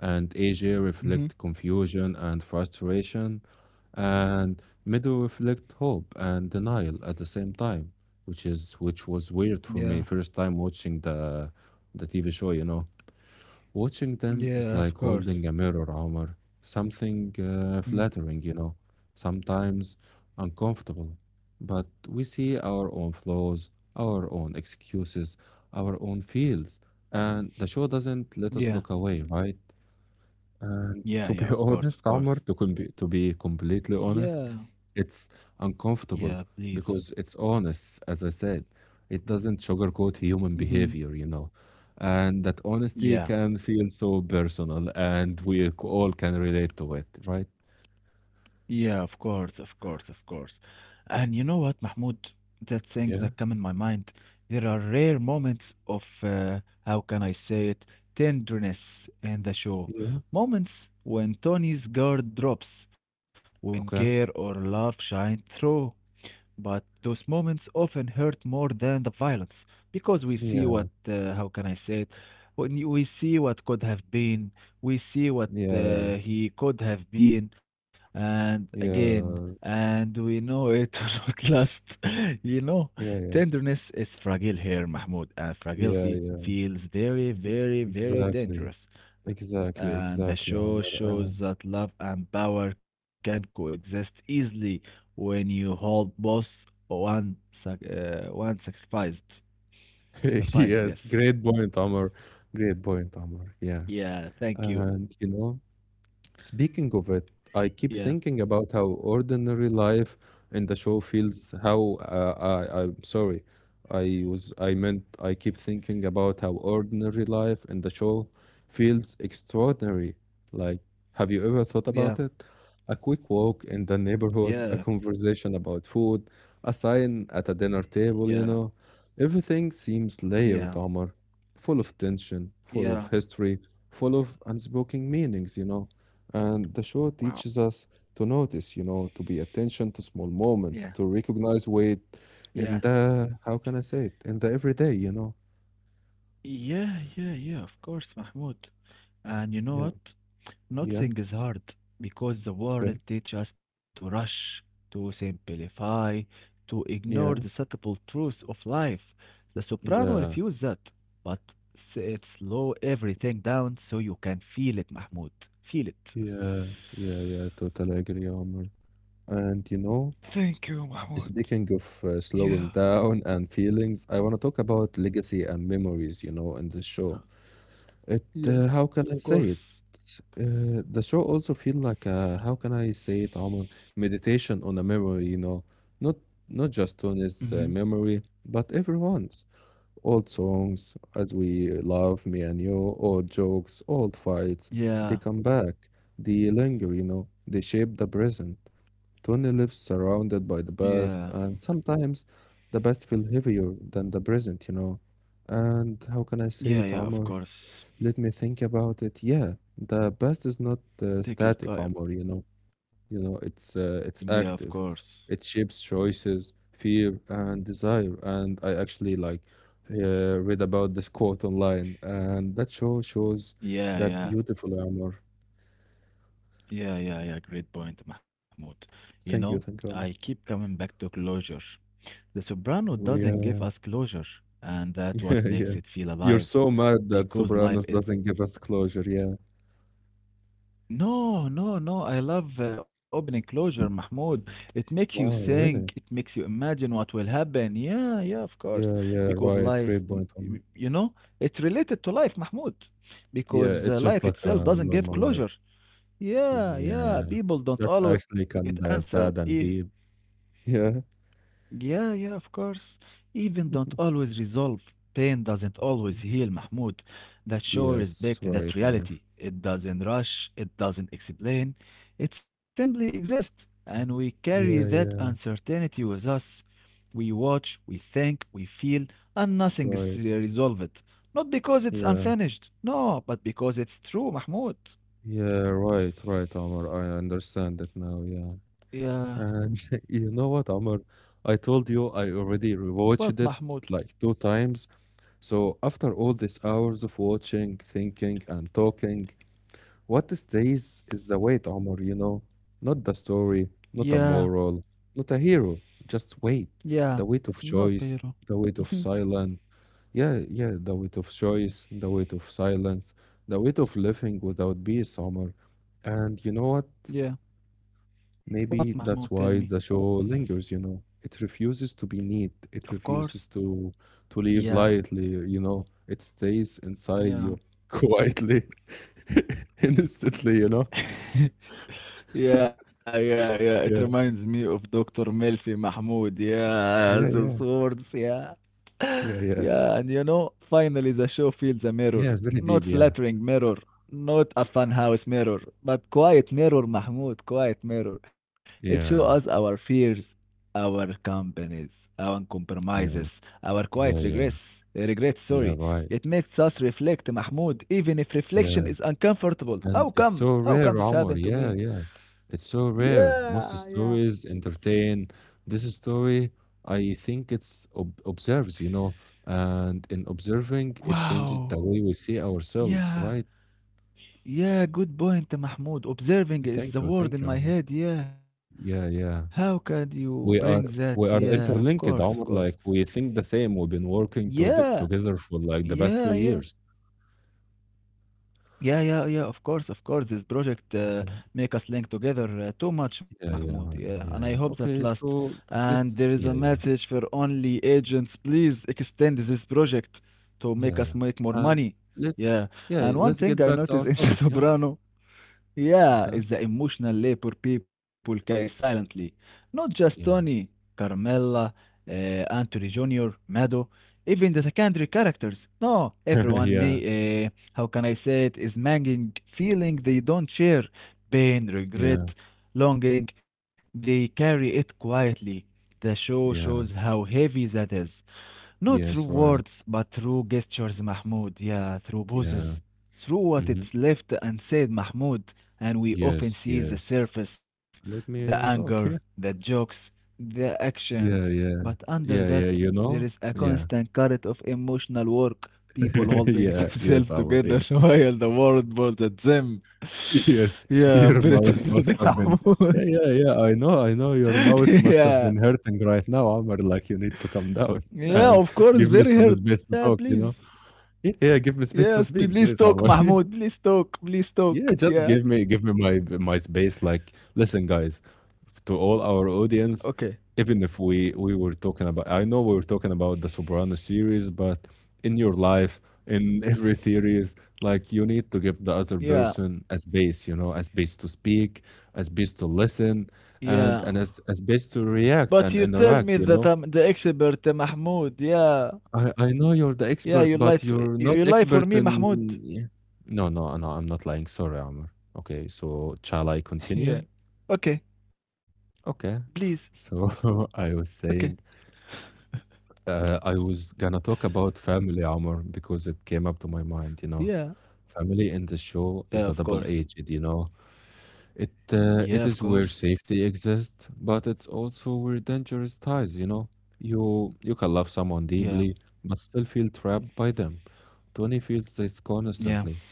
And A J
Mm-hmm.
reflect confusion and frustration, and Meadow reflect hope and denial at the same time, which is which was weird for
Yeah.
me first time watching the the T V show, you know. Watching them is like
Yeah, of
holding a
course.
mirror, Omar. Something uh,
Mm.
flattering, you know, sometimes uncomfortable. But we see our own flaws, our own excuses, our own feels, and the show doesn't let us look
Yeah.
away, right? Uh, to be
Yeah, yeah,
honest,
of course,
Amr,
of
to, com-
course.
to be completely honest,
Yeah.
it's
Yeah,
uncomfortable
please.
because it's honest, as I said. It doesn't sugarcoat human
Mm-hmm.
behavior, you know. And that honesty
Yeah.
can feel so personal, and we c- all can relate to it, right?
Yeah, of course, of course, of course. And you know what, Mahmoud? That thing
Yeah,
that come in my mind, there are rare moments of uh, how can I say it, tenderness in the show.
yeah,
Moments when Tony's guard drops, when care
okay.
or love shine through. But those moments often hurt more than the violence because we see what,
Yeah,
uh, how can I say it? When you- we see what could have been, we see what
yeah,
uh, he could have been, and again,
yeah,
and we know it will not last. You know,
yeah, yeah,
tenderness is fragile here, Mahmoud, and fragility
yeah, yeah.
feels very,
Ex-
very, very
Exactly,
dangerous
exactly,
and the
exactly,
show
Amr.
shows that love and power can coexist easily when you hold both one sac- uh, one sacrificed. Sacrificed, yes.
Yes, great point, Amr. Great point, Amr. Yeah.
Yeah, thank you.
And you know, speaking of it, I
Yeah,
keep thinking about how ordinary life in the show feels. How uh, I, I'm sorry, I was I meant I keep thinking about how ordinary life in the show feels extraordinary. Like, have you ever thought
yeah,
about it? A quick walk in the
yeah,
neighborhood, a conversation about food, a sign at a dinner
yeah,
table, you know. Everything seems
yeah,
layered, Omar, full of tension,
yeah.
full of history, full of unspoken meanings, you know. And the show
Wow.
teaches us to notice, you know, to be attention to small
Yeah,
moments, to recognize weight
yeah,
in the, how can I say it, in the everyday, you know?
yeah, yeah, yeah, of course, Mahmoud. And you know
Yeah,
what?
yeah,
Nothing is hard because the world
okay,
teaches us to rush, to simplify, to ignore the subtle
yeah,
truths of life. The soprano refused,
yeah,
that, but s- it slow everything down so you can feel it, Mahmoud. Feel it.
yeah, yeah, yeah, totally agree, Omar. And, you know,
Thank you, Mahmoud.
speaking of
Yeah,
uh, slowing down and feelings, I want to talk about legacy and memories, you know, in the show.
yeah,
It uh,
of
how can I say
course.
it? Uh, the show also feel like a, how can I say it, Omar? Meditation on a memory, you know, not not just on
Mm-hmm.
his uh, memory, but everyone's old songs, as we love me and you, old jokes, old fights.
Yeah,
They come back, they linger, you know, they shape the present. Tony lives surrounded by
yeah,
the past, and sometimes the past feel heavier than the present, you know. And how
yeah,
can I
yeah,
say
of
it, Omar?
course.
Let me think about it. Yeah, the past is not
Take
uh,
your time.
static, Omar, you know. You know, it's uh,
Yeah, of
it's
course.
active. It shapes choices, fear, and desire. And I actually like uh, read about this quote online, and that show shows
Yeah, yeah.
that beautiful Omar.
Yeah, yeah, yeah. Great point, Mahmoud. You know,
Thank you,
I
thank you,
keep
Omar.
coming back to closure. The soprano doesn't give
Oh,
us
yeah,
closure, and that's what makes
yeah,
it feel
yeah.
alive.
You're so mad
Because
that
life,
Sopranos
it's
doesn't give us closure. Yeah.
no, no, no. I love uh, opening closure, Mahmoud. It makes you
Wow,
think. It makes
really?
you imagine what will happen. Yeah, yeah, of course.
Yeah,
Because
yeah,
life,
right.
y-
Great point,
y-
Omar.
you know, it's related to life, Mahmoud.
Yeah,
Because uh,
it's
life
just like a
itself doesn't give
normal life.
closure. Yeah, yeah,
Yeah,
people don't
that's
always get
actually
answer.
kinda
If
sad and deep. Yeah.
yeah, yeah, of course. Even don't always resolve. Pain doesn't always heal, Mahmoud. That show
Yes,
respect that
right, Omar.
reality. It doesn't rush, it doesn't explain, it simply exists, and we carry that
Yeah, yeah,
uncertainty with us. We watch, we think, we feel, and nothing is uh,
right.
resolved. Not because it's
Yeah,
unfinished, no, but because it's true, Mahmoud.
yeah, right, right, Omar. I understand it now. Yeah.
Yeah,
And you know what, Omar? I told you I already
what,
rewatched
Mahmoud?
it like two times. So after all these hours of watching, thinking, and talking, what stays is the weight, Omar, you know? Not the story,
Yeah,
not a moral, not a hero. Just
yeah,
weight. The
not
weight of
Pero.
choice, the weight of silence. Yeah, yeah, the weight of choice, the weight of silence, the weight of living without peace, Omar. And you know what?
yeah. What,
Maybe
Mahmoud? Tell
that's
me.
why the show lingers, you know? It refuses to be
Of
neat.
course.
It refuses to
Yeah,
to live lightly, you know? It stays
yeah.
inside you quietly, instantly, you know?
يا يا يا it
Yeah.
reminds me of doctor ميلفي محمود يا the
Yeah,
swords
yeah.
يا.
Yeah,
Yeah, and
yeah.
you know, finally the show feels a mirror.
Yeah,
Not
very deep, yeah.
flattering mirror, not a funhouse mirror, but quiet mirror, Mahmoud, quiet mirror. It shows us
Yeah,
our fears, our companies, our compromises,
yeah,
our quiet
yeah,
regrets,
yeah.
regrets, sorry.
Yeah,
It
right.
makes us reflect, Mahmoud, even if reflection is
Yeah.
uncomfortable. How
And it's
come?
so
How come
rare,
this
Omar.
happened to
Yeah,
me?
yeah. It's so rare.
Yeah,
Most
yeah.
stories entertain. This story, I think it's ob observes, you know, and in observing, it
Wow.
changes the way we see
Yeah.
ourselves, right?
Yeah, good point, Mahmoud. Observing is
Thank
the
you,
word
thank
in
you,
my
Omar.
head. Yeah.
Yeah,
How
yeah.
can you bring
We
that?
are
Yeah,
we
of
are
course, of course.
interlinked, Omar. Like we think the same. We've been
Yeah,
working to together for
yeah,
like the
yeah.
past two years.
Yeah, yeah, yeah, of course, of course. This project uh,
Okay?
make us link together uh, too much,
Yeah,
Mahmoud.
yeah,
Yeah,
right,
and I hope
yeah.
that lasts.
Okay, so
And there is a
let's
message
yeah,
for
yeah,
only agents. Please extend this project to make us
yeah,
make more
yeah,
money.
and
Yeah,
let's
and
yeah,
one thing
let's
I
get back
noticed
to
in
our
The
topic, yeah?
Soprano yeah,
Okay,
is the emotional labor people carry silently. Not just Tony,
yeah.
Carmela, uh, Anthony junior, Mado, even the secondary characters. No, everyone may,
Yeah,
uh, how can I say it, is manging feeling they don't share. Pain,
yeah,
regret, longing, they carry it quietly. The show shows how
yeah.
heavy that is. Not through
Yes,
words, but
right.
through gestures, Mahmoud. Yeah, through poses
Yeah.
through what it's
Hmm.
left unsaid Mahmoud, and we often
Yes,
see the
yes.
surface, the
Let me
anger,
talk, yeah.
the jokes, the actions,
Yeah,
but
yeah.
under that
Yeah,
there
yeah,
is
you
a
know?
constant
Yeah.
current of emotional work, people holding
Yeah,
themselves
yes, I will,
together
yeah.
while the world burns at them.
Yes,
yeah, I'm
your
very
mouth must
tired,
have been yeah,
Mahmoud.
yeah, yeah, I know, I know your mouth must have
yeah,
been hurting right now, Omar, like you need to come down
yeah,
and
of course,
give me
very
some space
hurt.
to
Yeah,
talk, you know?
please.
Yeah, yeah, give me space to
Yes,
speak, please,
please
Omar.
talk, Mahmoud. Please talk. Please
Yeah, just
talk.
give me
Yeah.
give me my my space. Like, listen, guys, to all our audience,
Okay.
even if we we were talking about, I know we were talking about the Soprano series, but in your life, in every theories, like you need to give the other
Yeah.
person a space, you know, a space to speak, a space to listen, and
Yeah.
and a, s- a space to
But
react
you
and
tell me
interact,
that
you
I'm
know.
the expert, uh, Mahmoud. Yeah.
I I know you're the
Yeah, you
expert, but
lied for,
you're
you,
not
you lie for
expert
me,
in
Mahmoud.
yeah. No, no, no, I'm not lying. Sorry, Amr. Okay, so shall I continue?
yeah. Okay.
Okay.
Please.
So I was
Okay.
saying, uh, I was gonna talk about family, Amr, because it came up to my mind, you
Yeah.
know. Family in the show
Yeah, of
is a
course.
double-edged, you know. It uh, it
Yeah,
is
of
where
course.
safety exists, but it's also where dangerous ties, you know. You you can love someone
Yeah.
deeply, but still feel trapped by them. Tony feels this
Yeah.
constantly.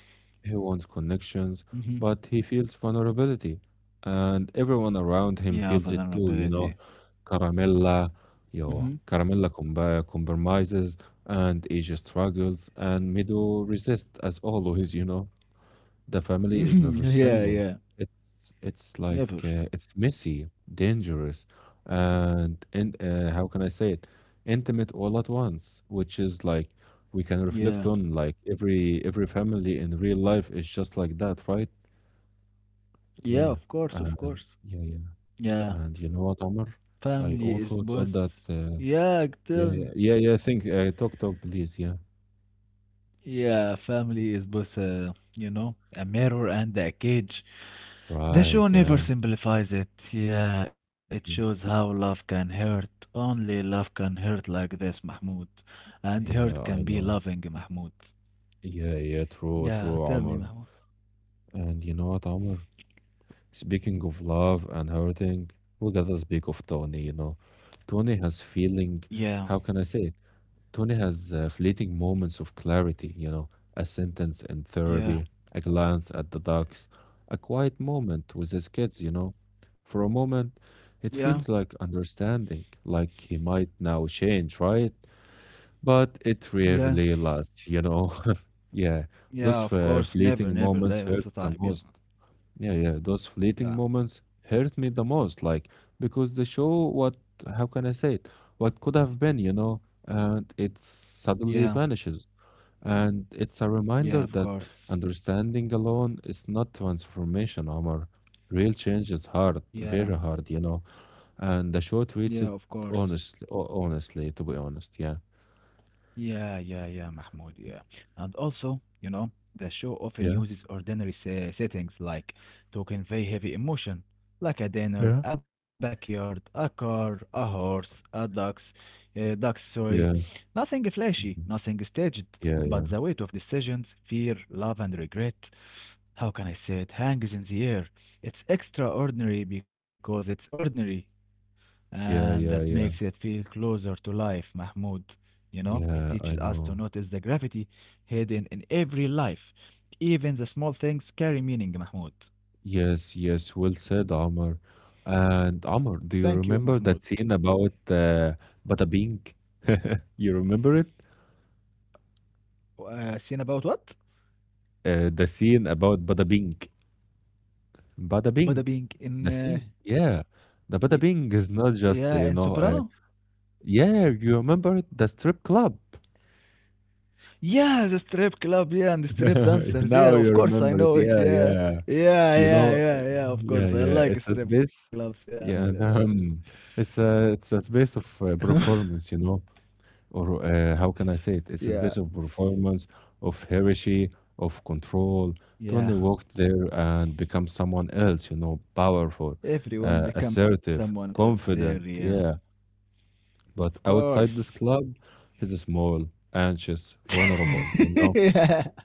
He wants connections,
Mm-hmm.
but he feels vulnerability. And everyone around
Yeah,
him feels it too,
vulnerability.
you know. Caramella,
Mm-hmm.
yo, Caramella comba compromises, and Asia struggles, and Mido resists as always, you know. The family
Hmm.
is never
Yeah,
simple.
yeah.
It's it's like
Never.
uh, it's messy, dangerous, and and uh, how can I say it? Intimate all at once, which is like we can
Yeah.
reflect on like every every family in real life is just like that, right?
Yeah, of
Yeah.
course, of
Uh,
course.
yeah, yeah.
Yeah.
And you know what, Omar?
Family is
I also
boss.
thought that
Yeah,
uh,
tell me.
yeah, yeah, yeah, yeah, think uh, talk talk please, yeah.
Yeah, family is both, uh, you know, a mirror and a cage. The
Right,
show never
yeah.
simplifies it. Yeah, it shows
Mhm.
how love can hurt. Only love can hurt like this, Mahmoud. And hurt can be
Yeah, I
loving,
know.
Mahmoud.
Yeah, yeah,
Yeah,
true,
tell me,
true,
Mahmoud.
Omar. And you know what, Omar? Speaking of love and hurting, we gotta speak of Tony, you know. Tony has feeling,
Yeah,
how can I say it? Tony has uh, fleeting moments of clarity, you know, a sentence in
yeah,
therapy, a glance at the ducks, a quiet moment with his kids, you know. For a moment,
yeah,
it feels like understanding, like he might now change, right? But it
yeah,
rarely lasts, you know. Yeah,
yeah, of
those
course.
uh,
Never,
fleeting
never, like,
moments
all the
hurt the
time. Yeah,
most. Yeah, yeah, those fleeting
yeah,
moments hurt me the most, like because they show what, how can I say it, what could have been, you know, and it
yeah,
suddenly vanishes. And it's a
yeah, of
reminder that
course.
understanding alone is not transformation, Omar. Real change is hard,
Yeah,
very hard, you know, and the
yeah,
show
of
treats it
course.
honestly, honestly, to be honest. Yeah,
Yeah, yeah, yeah, Mahmoud, yeah. And also, you know, the show often
yeah.
uses ordinary se- settings like to convey heavy emotion, like a dinner,
Yeah.
a backyard, a car, a horse, a ducks, uh, ducks, sorry.
Yeah,
Nothing flashy, nothing
mhm.
staged, but the
Yeah,
weight
yeah,
of decisions, fear, love, and regret, how can I say it, hangs in the air. It's extraordinary because it's ordinary, and that
yeah,
makes
yeah,
it feel
yeah,
closer to life, Mahmoud. You know, it teaches us
yeah.
to
I
notice the
know.
gravity hidden in every life. Even the small things carry meaning, Mahmoud.
Yes, yes, well said, Amr. And Amr,
Thank you,
do you
Mahmoud.
remember that scene about uh, Bada Bing? You remember it?
Uh, scene about what?
Uh, the scene about Bada Bing. Bada
Bada Bing
Bing.
in.
The
Uh,
scene. Yeah.
y-
The Bada Bing is not
yeah, in
just, you
Soprano?
know, uh, yeah, you remember it? The strip club.
Yeah, the strip club, yeah, and the strip dancers. Yeah,
Now
of
you
course, I
remember it.
know it.
Yeah,
Yeah,
yeah.
yeah,
You
yeah,
know, uh,
yeah, yeah, of
yeah,
course. I
yeah.
like
It's a
strip clubs.
space.
Yeah,
Yeah,
yeah,
and, um, it's a it's a space of uh, performance, you know. Or uh, how can I say it?
yeah.
It's a special performance of hierarchy, of control.
Yeah.
Tony walked there and become someone else, you know, powerful,
Everyone
uh,
becomes someone
assertive,
else's area.
confident. Yeah.
Of
But
course.
outside this club, he's small, anxious, vulnerable, you
yeah,
know?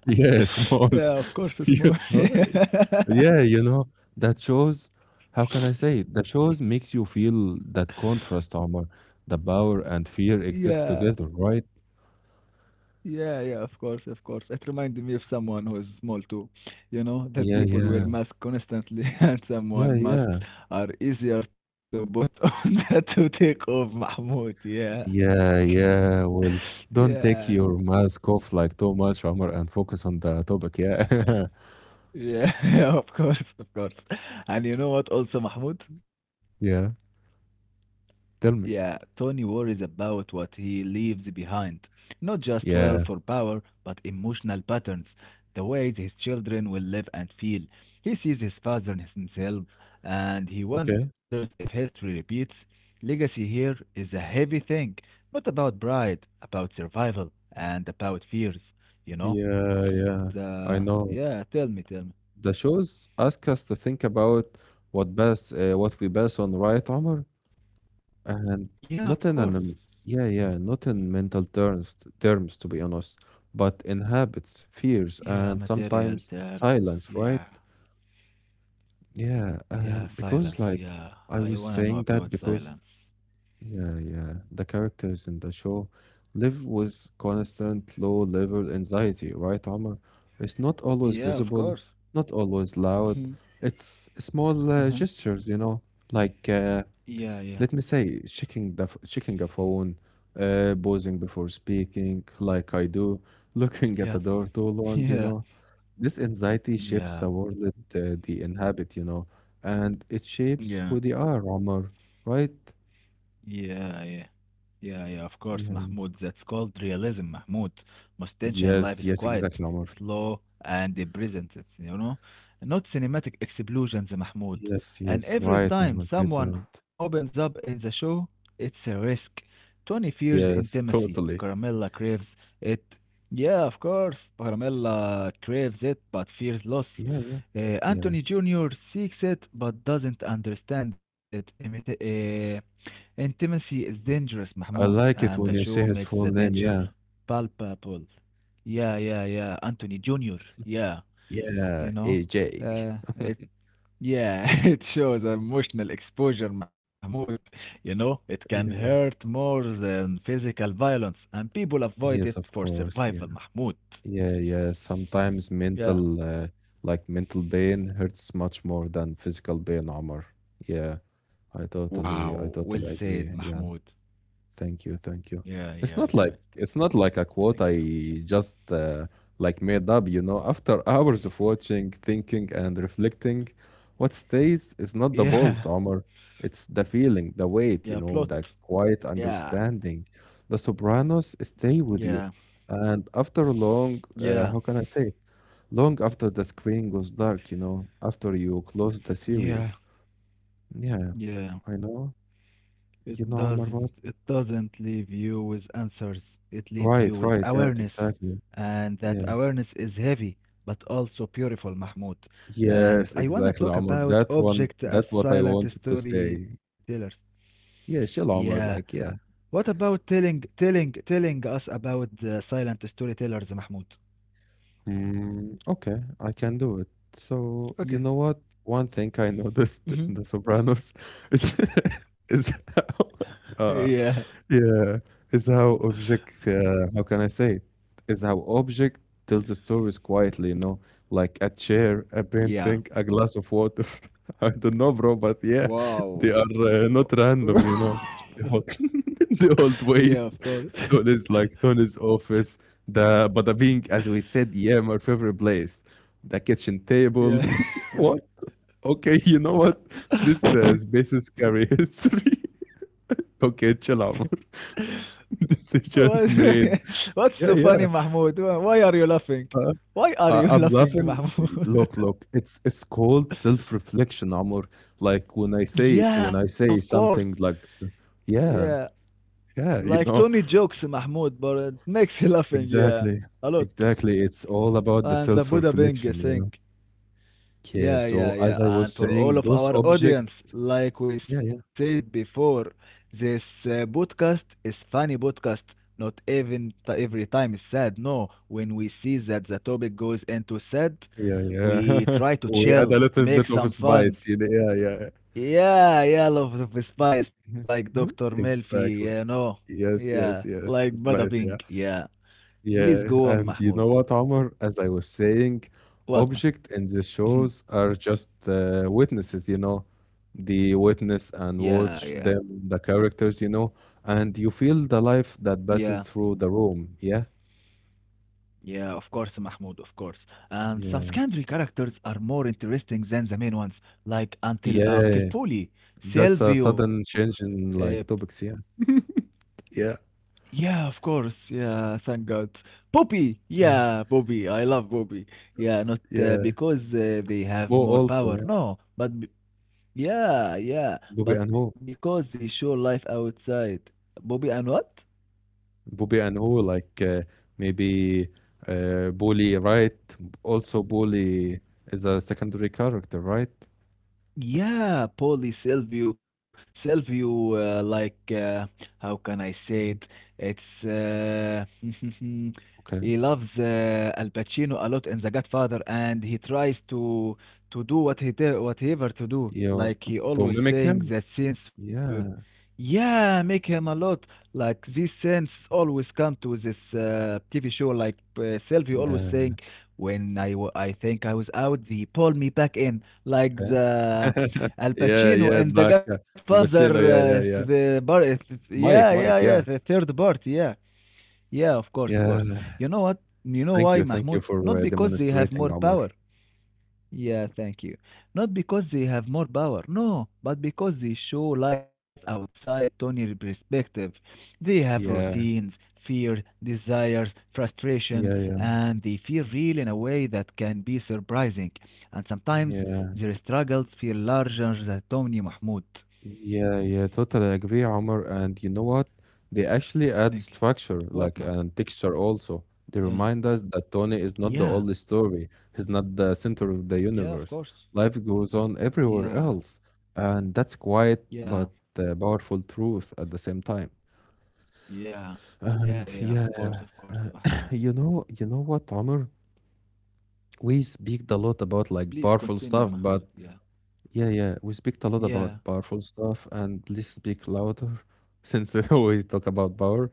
Yeah,
yeah, of
small.
course, small.
You know?
yeah,
Yeah, you know, that shows, how can I say it? That shows makes you feel that contrast, Omar. The power and fear
yeah,
exist together, right?
yeah, of course, of course. It reminded me of someone who is small too. You know, that
Yeah,
people wear
yeah.
masks constantly, and
Yeah,
someone
yeah,
masks are easier to put on than to take off, Mahmoud. Yeah,
yeah, yeah. Well,
yeah.
don't take your mask off like too much, Omar, and focus on the topic. Yeah,
Yeah, of course, of course. And you know what also, Mahmoud?
yeah.
Yeah,
Tell me.
Tony worries about what he leaves behind. Not just wealth or
Yeah.
power, but emotional patterns, the ways his children will live and feel. He sees his father and himself, and he
Okay.
wonders if history repeats. Legacy here is a heavy thing, not about pride, about survival, and about fears, you know?
Yeah, yeah.
The.
I know.
Yeah, tell me, tell me.
The shows ask us to think about what best, uh, what we best on, right, Omar?
Yeah,
And
of
not in an,
course.
um, yeah, yeah, not in mental terms, terms to be honest, but in
Yeah,
habits,
material
fears, and
terms,
sometimes
yeah.
silence, right?
Yeah,
Yeah,
silence.
and
Yeah,
because
I
like
wanna know
I
about
was saying that
silence.
because yeah, yeah, the characters in the show live with constant low level anxiety, right, Omar? It's not always
Yeah, of
visible,
course.
not always loud.
Mhm.
It's small uh,
Uh-huh.
gestures, you know, like uh,
Yeah, yeah,
let me say checking the f- checking a phone, uh, pausing before speaking, like I do,
yeah,
looking at a door too
yeah,
long, you know. This anxiety
yeah,
shapes the world that uh, they inhabit, you know, and it shapes
yeah.
who they are, Omar, right?
Yeah, yeah. Yeah, yeah, of course, Mahmoud.
Yeah. Yeah.
That's called realism, Mahmoud. Most tension life is
Yes, yes,
quiet,
exactly, Omar.
slow, and present, you know? Not cinematic explosions, Mahmoud.
Yes,
And
yes,
every
right,
time
Omar. Great
someone
point.
opens up in the show, it's a risk. twenty years intimacy,
Yes,
Carmela
totally.
craves it. Yeah, of course, Carmela craves it, but fears loss.
Yeah, yeah,
Uh,
yeah.
Anthony junior seeks it but doesn't understand it. Imita- uh, Intimacy is dangerous, Mahmoud, and
I
the
like
show
it when
makes
you
the
say his
danger
full name. Yeah.
palpable. Yeah, yeah, yeah. Anthony junior Yeah, you
Yeah,
know?
A J.
Uh, it, yeah, it shows emotional exposure, Mahmoud. You know, it can
Yeah,
hurt more than physical violence, and people avoid it for
yes, of
survival,
course. Yeah,
Mahmoud.
yeah, yeah. Sometimes
Yeah.
mental, uh, like mental pain hurts much more than physical pain, Omar. Yeah. I totally
Wow,
I
well
totally
said,
agree. Yeah.
Mahmoud.
Thank you. Thank you.
Yeah, yeah,
It's
yeah.
not like it's not like a
Thank you.
quote I just uh, like made up, you know. After hours of watching, thinking and reflecting, what stays is not the bolt,
Yeah,
Omar. It's the feeling, the weight,
yeah,
you know, the
plot.
quiet
Yeah,
understanding. The Sopranos stay with
yeah,
you. And after long, uh,
yeah,
how can I say it? Long after the screen goes dark, you know, after you close the series.
yeah.
Yeah, I
Yeah,
know. You know,
it
Omar,
doesn't
what?
it doesn't leave you with answers. It leaves you
Right,
with
right, yeah,
awareness,
exactly.
and that
Yeah.
awareness is heavy but also beautiful, Mahmoud.
Yes,
And
exactly,
I
Omar.
wanna talk
That one,
about
that's what
object
I
as
wanted to
silent
say.
storytellers.
Yeah, chill, Omar.
Yeah,
Like, yeah.
what about telling telling telling us about uh, silent storytellers, Mahmoud?
Mm, okay, I can do it. So, you know what?
Okay.
One thing I noticed in The
Mhm.
Sopranos is is how uh,
Yeah,
yeah, is how object, uh, how can I say it? Is how object tells the stories quietly, you know, like a chair, a
yeah.
painting, a glass of water. I don't know, bro, but yeah, they
Wow.
are uh, not random, you know. They all, they all
Yeah,
wait.
of course.
Tony's like Tony's office. The but the being, as we said, yeah, my favorite place, the kitchen table.
Yeah.
What? Okay, you know what? This uh, space is carry history. Okay, chill out. Decisions
What-
made.
What's so funny,
Yeah, yeah.
Mahmoud? Why are you laughing?
Uh,
Why are you
I- I'm
laughing,
laughing.
Mahmoud?
Look, look. It's it's called self reflection, Amor. Like when I say when
yeah,
I
of
say
course.
something like,
Yeah,
yeah,
like
yeah,
Tony
you know,
jokes, Mahmoud, but it makes he laughing, yeah, a
exactly,
lot.
exactly. It's all
And
about the
the Buddha
self
being
reflection,
sing.
you know.
Yeah,
Yeah.
yeah,
So
yeah.
as I
And
was
for all
saying,
of
those
our
objects.
audience, like we
Yeah, yeah,
said before, this uh, podcast is funny podcast. Not even t- every time is sad. No, when we see that the topic goes into sad,
yeah,
we
yeah.
try to
We add a
chill,
little
make
bit of
some fun.
spice. You know? Yeah, yeah.
Yeah, yeah, love of spice like doctor
Mhm.
Melfi, you
Exactly.
know. Yeah,
Yes,
like
yes,
Bada
yes.
Pink.
Spice.
Yeah.
Yeah.
Please go on,
Yeah,
Mahmoud.
and you know what, Omar? As I was saying,
What, man?
object in the shows are just uh, witnesses, you know. The witness and
Yeah, yeah,
watch them, the characters, you know, and you feel the life
yeah.
that passes through the room. Yeah,
Yeah, of course, Mahmoud, of course. And some
yeah,
secondary characters are more interesting than the main ones, like Until uh, Uncle
yeah.
Polly,
That's a
Silvio.
sudden change
Uh,
in like topics. Yeah, yeah,
yeah, of course. Yeah, thank God. Bobby. Yeah,
yeah,
Bobby. I love Bobby. Yeah, not uh,
yeah.
because uh, they have
Who
more
also,
power.
yeah,
No, but b- yeah, yeah,
Bobby and
but
who?
because they show life outside. Bobby and what?
Bobby and who like uh, maybe uh, Bully, right? Also, Bully is a secondary character, right?
Yeah, Polly, Silvio, Silvio, uh, like, uh, how can I say
Mhm.
it? It's, uh,
Okay,
he loves uh, Al Pacino a lot in The Godfather, and he tries to to do what he te- whatever to do.
you
Like he
to
always
mimic
saying
him?
that since
Yeah,
yeah, make him a lot. Like these sense always come to this uh, T V show. Like uh, Sylvie always
yeah,
saying, when I wa- I think I was out, they pulled me back in.
okay.
Like the Al
Yeah, yeah.
Pacino
Like
and
uh,
The
Al
Godfather,
Pacino, yeah, yeah,
uh,
yeah.
the bar.
Mike,
Yeah, yeah,
Mike,
yeah.
yeah,
The third part. Yeah, yeah. Of course, of course.
yeah.
You know what? You know
Thank you,
why,
thank you
Mahmoud?
for uh,
Not because they have
demonstrating,
more
Omar.
power. Yeah, thank you. Not because they have more power, no, but because they show life outside Tony's perspective. They have routines,
Yeah,
fear, desires, frustration,
yeah,
and
yeah,
they feel real in a way that can be surprising. And sometimes
yeah.
their struggles feel larger than Tony Mahmoud.
Yeah, yeah, totally agree, Omar. And you know what? They
Thank you.
actually add
What, Mahmoud?
structure, like and texture also.
Yeah.
They remind us that Tony is
Yeah.
not the only story. He's not the center of the
Yeah, of
universe.
course.
Life goes on everywhere
Yeah.
else, and that's
Yeah.
quiet
Yeah.
but uh, powerful truth at the same time.
Yeah, yeah, of
And
course, of
yeah,
course, Mahmoud.
you know, you know what, Omar? We speak a lot
Please
about like
continue,
powerful
Mahmoud.
stuff, but
Yeah.
yeah, yeah. We speak a lot
Yeah.
about powerful stuff, and please speak louder, since we always talk about power.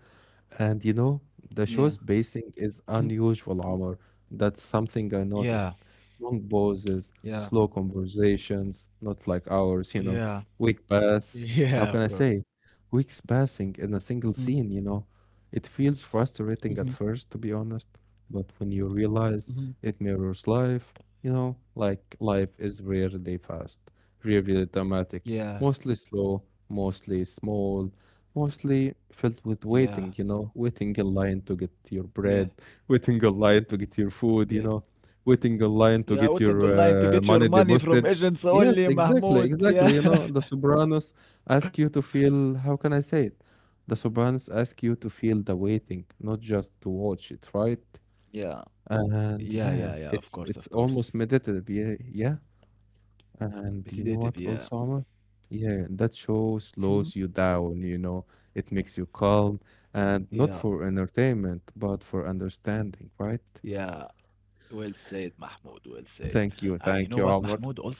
And you know, the
Yeah.
show's pacing is
Mhm.
unusual, Omar. That's something I
Yeah.
noticed. Long pauses,
Yeah.
slow conversations, not like ours, you know.
Yeah.
Week pass. How
Yeah,
can
of
I
course.
say? Weeks passing in a
Mhm.
single scene, you know. It feels
Mhm.
frustrating at first, to be honest, but when you
Mhm.
realize it mirrors life, you know, like life is rarely fast, rarely dramatic,
Yeah.
mostly slow, mostly small, mostly filled with
Yeah.
waiting, you know, waiting in line to get your
Yeah.
bread, waiting in line to get your
Yeah.
food, you know, waiting in line
Yeah, I
to get
wouldn't go
your
lying to get
uh,
your
money
money from
deposited.
agents
Yes,
only,
exactly,
Mahmoud. Yeah.
exactly. You know, the Sopranos ask you to feel, how can I say it? The Sopranos ask you to feel the waiting, not just to watch it, right?
Yeah. Yeah,
And
yeah, yeah. Of
yeah,
course, of
it's it's
course.
almost meditative. Yeah, yeah.
Petty
And you know
native,
what
yeah.
also, Omar? Yeah, that show
Mhm.
slows you down, you know. It makes you calm
Yeah.
and not for entertainment, but for understanding,
Yeah.
right?
Well said, Mahmoud. Well said.
Thank
And you
you.
know what,
Thank you,
Mahmoud,
Omar.
also?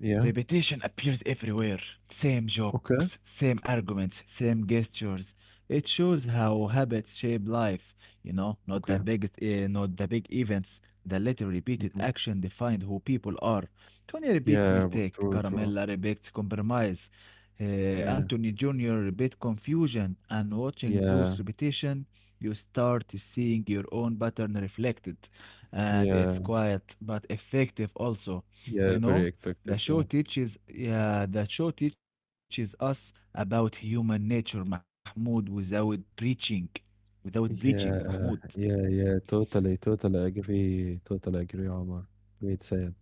Yeah.
appears everywhere. Same jokes,
Okay.
same arguments, same gestures. It shows how habits shape life, you know, not the big,
Okay.
uh, not the big events. The little repeated
Hmm.
action defined who people are. Tony repeats
Yeah, w-
mistake.
true, true.
Caramella repeats compromise. Uh,
Yeah.
Anthony junior repeat confusion. And watching those
Yeah.
repetition, you start seeing your own pattern reflected. And it's
Yeah.
quiet but effective also,
Yeah,
you
very
know. The
effective.
show
Yeah.
teaches, yeah, the show teaches us about human nature, Mahmoud, without preaching, without breaching, Mahmoud.
Yeah. Yeah, yeah. Totally, totally agree. Totally agree, Omar. Great said.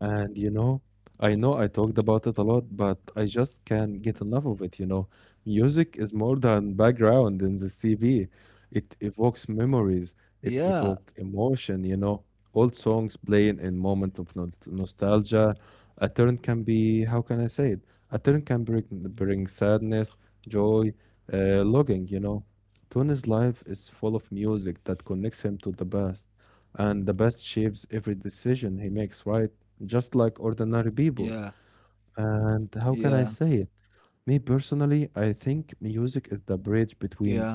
And you know, I know I talked about it a lot, but I just can't get enough of it, you know. Music is more than background in the T V. It evokes memories,
Yeah,
it evokes emotion, you know. Old songs playing in moment of no nostalgia. A turn can be, how can I say it? A turn can bring, bring sadness, joy, uh, longing, you know. Tony's life is full of music that connects him to the past, and the past shapes every decision he makes, right? Just like ordinary people.
yeah,
And how can I
yeah,
say it? Me personally, I think music is the
yeah,
bridge between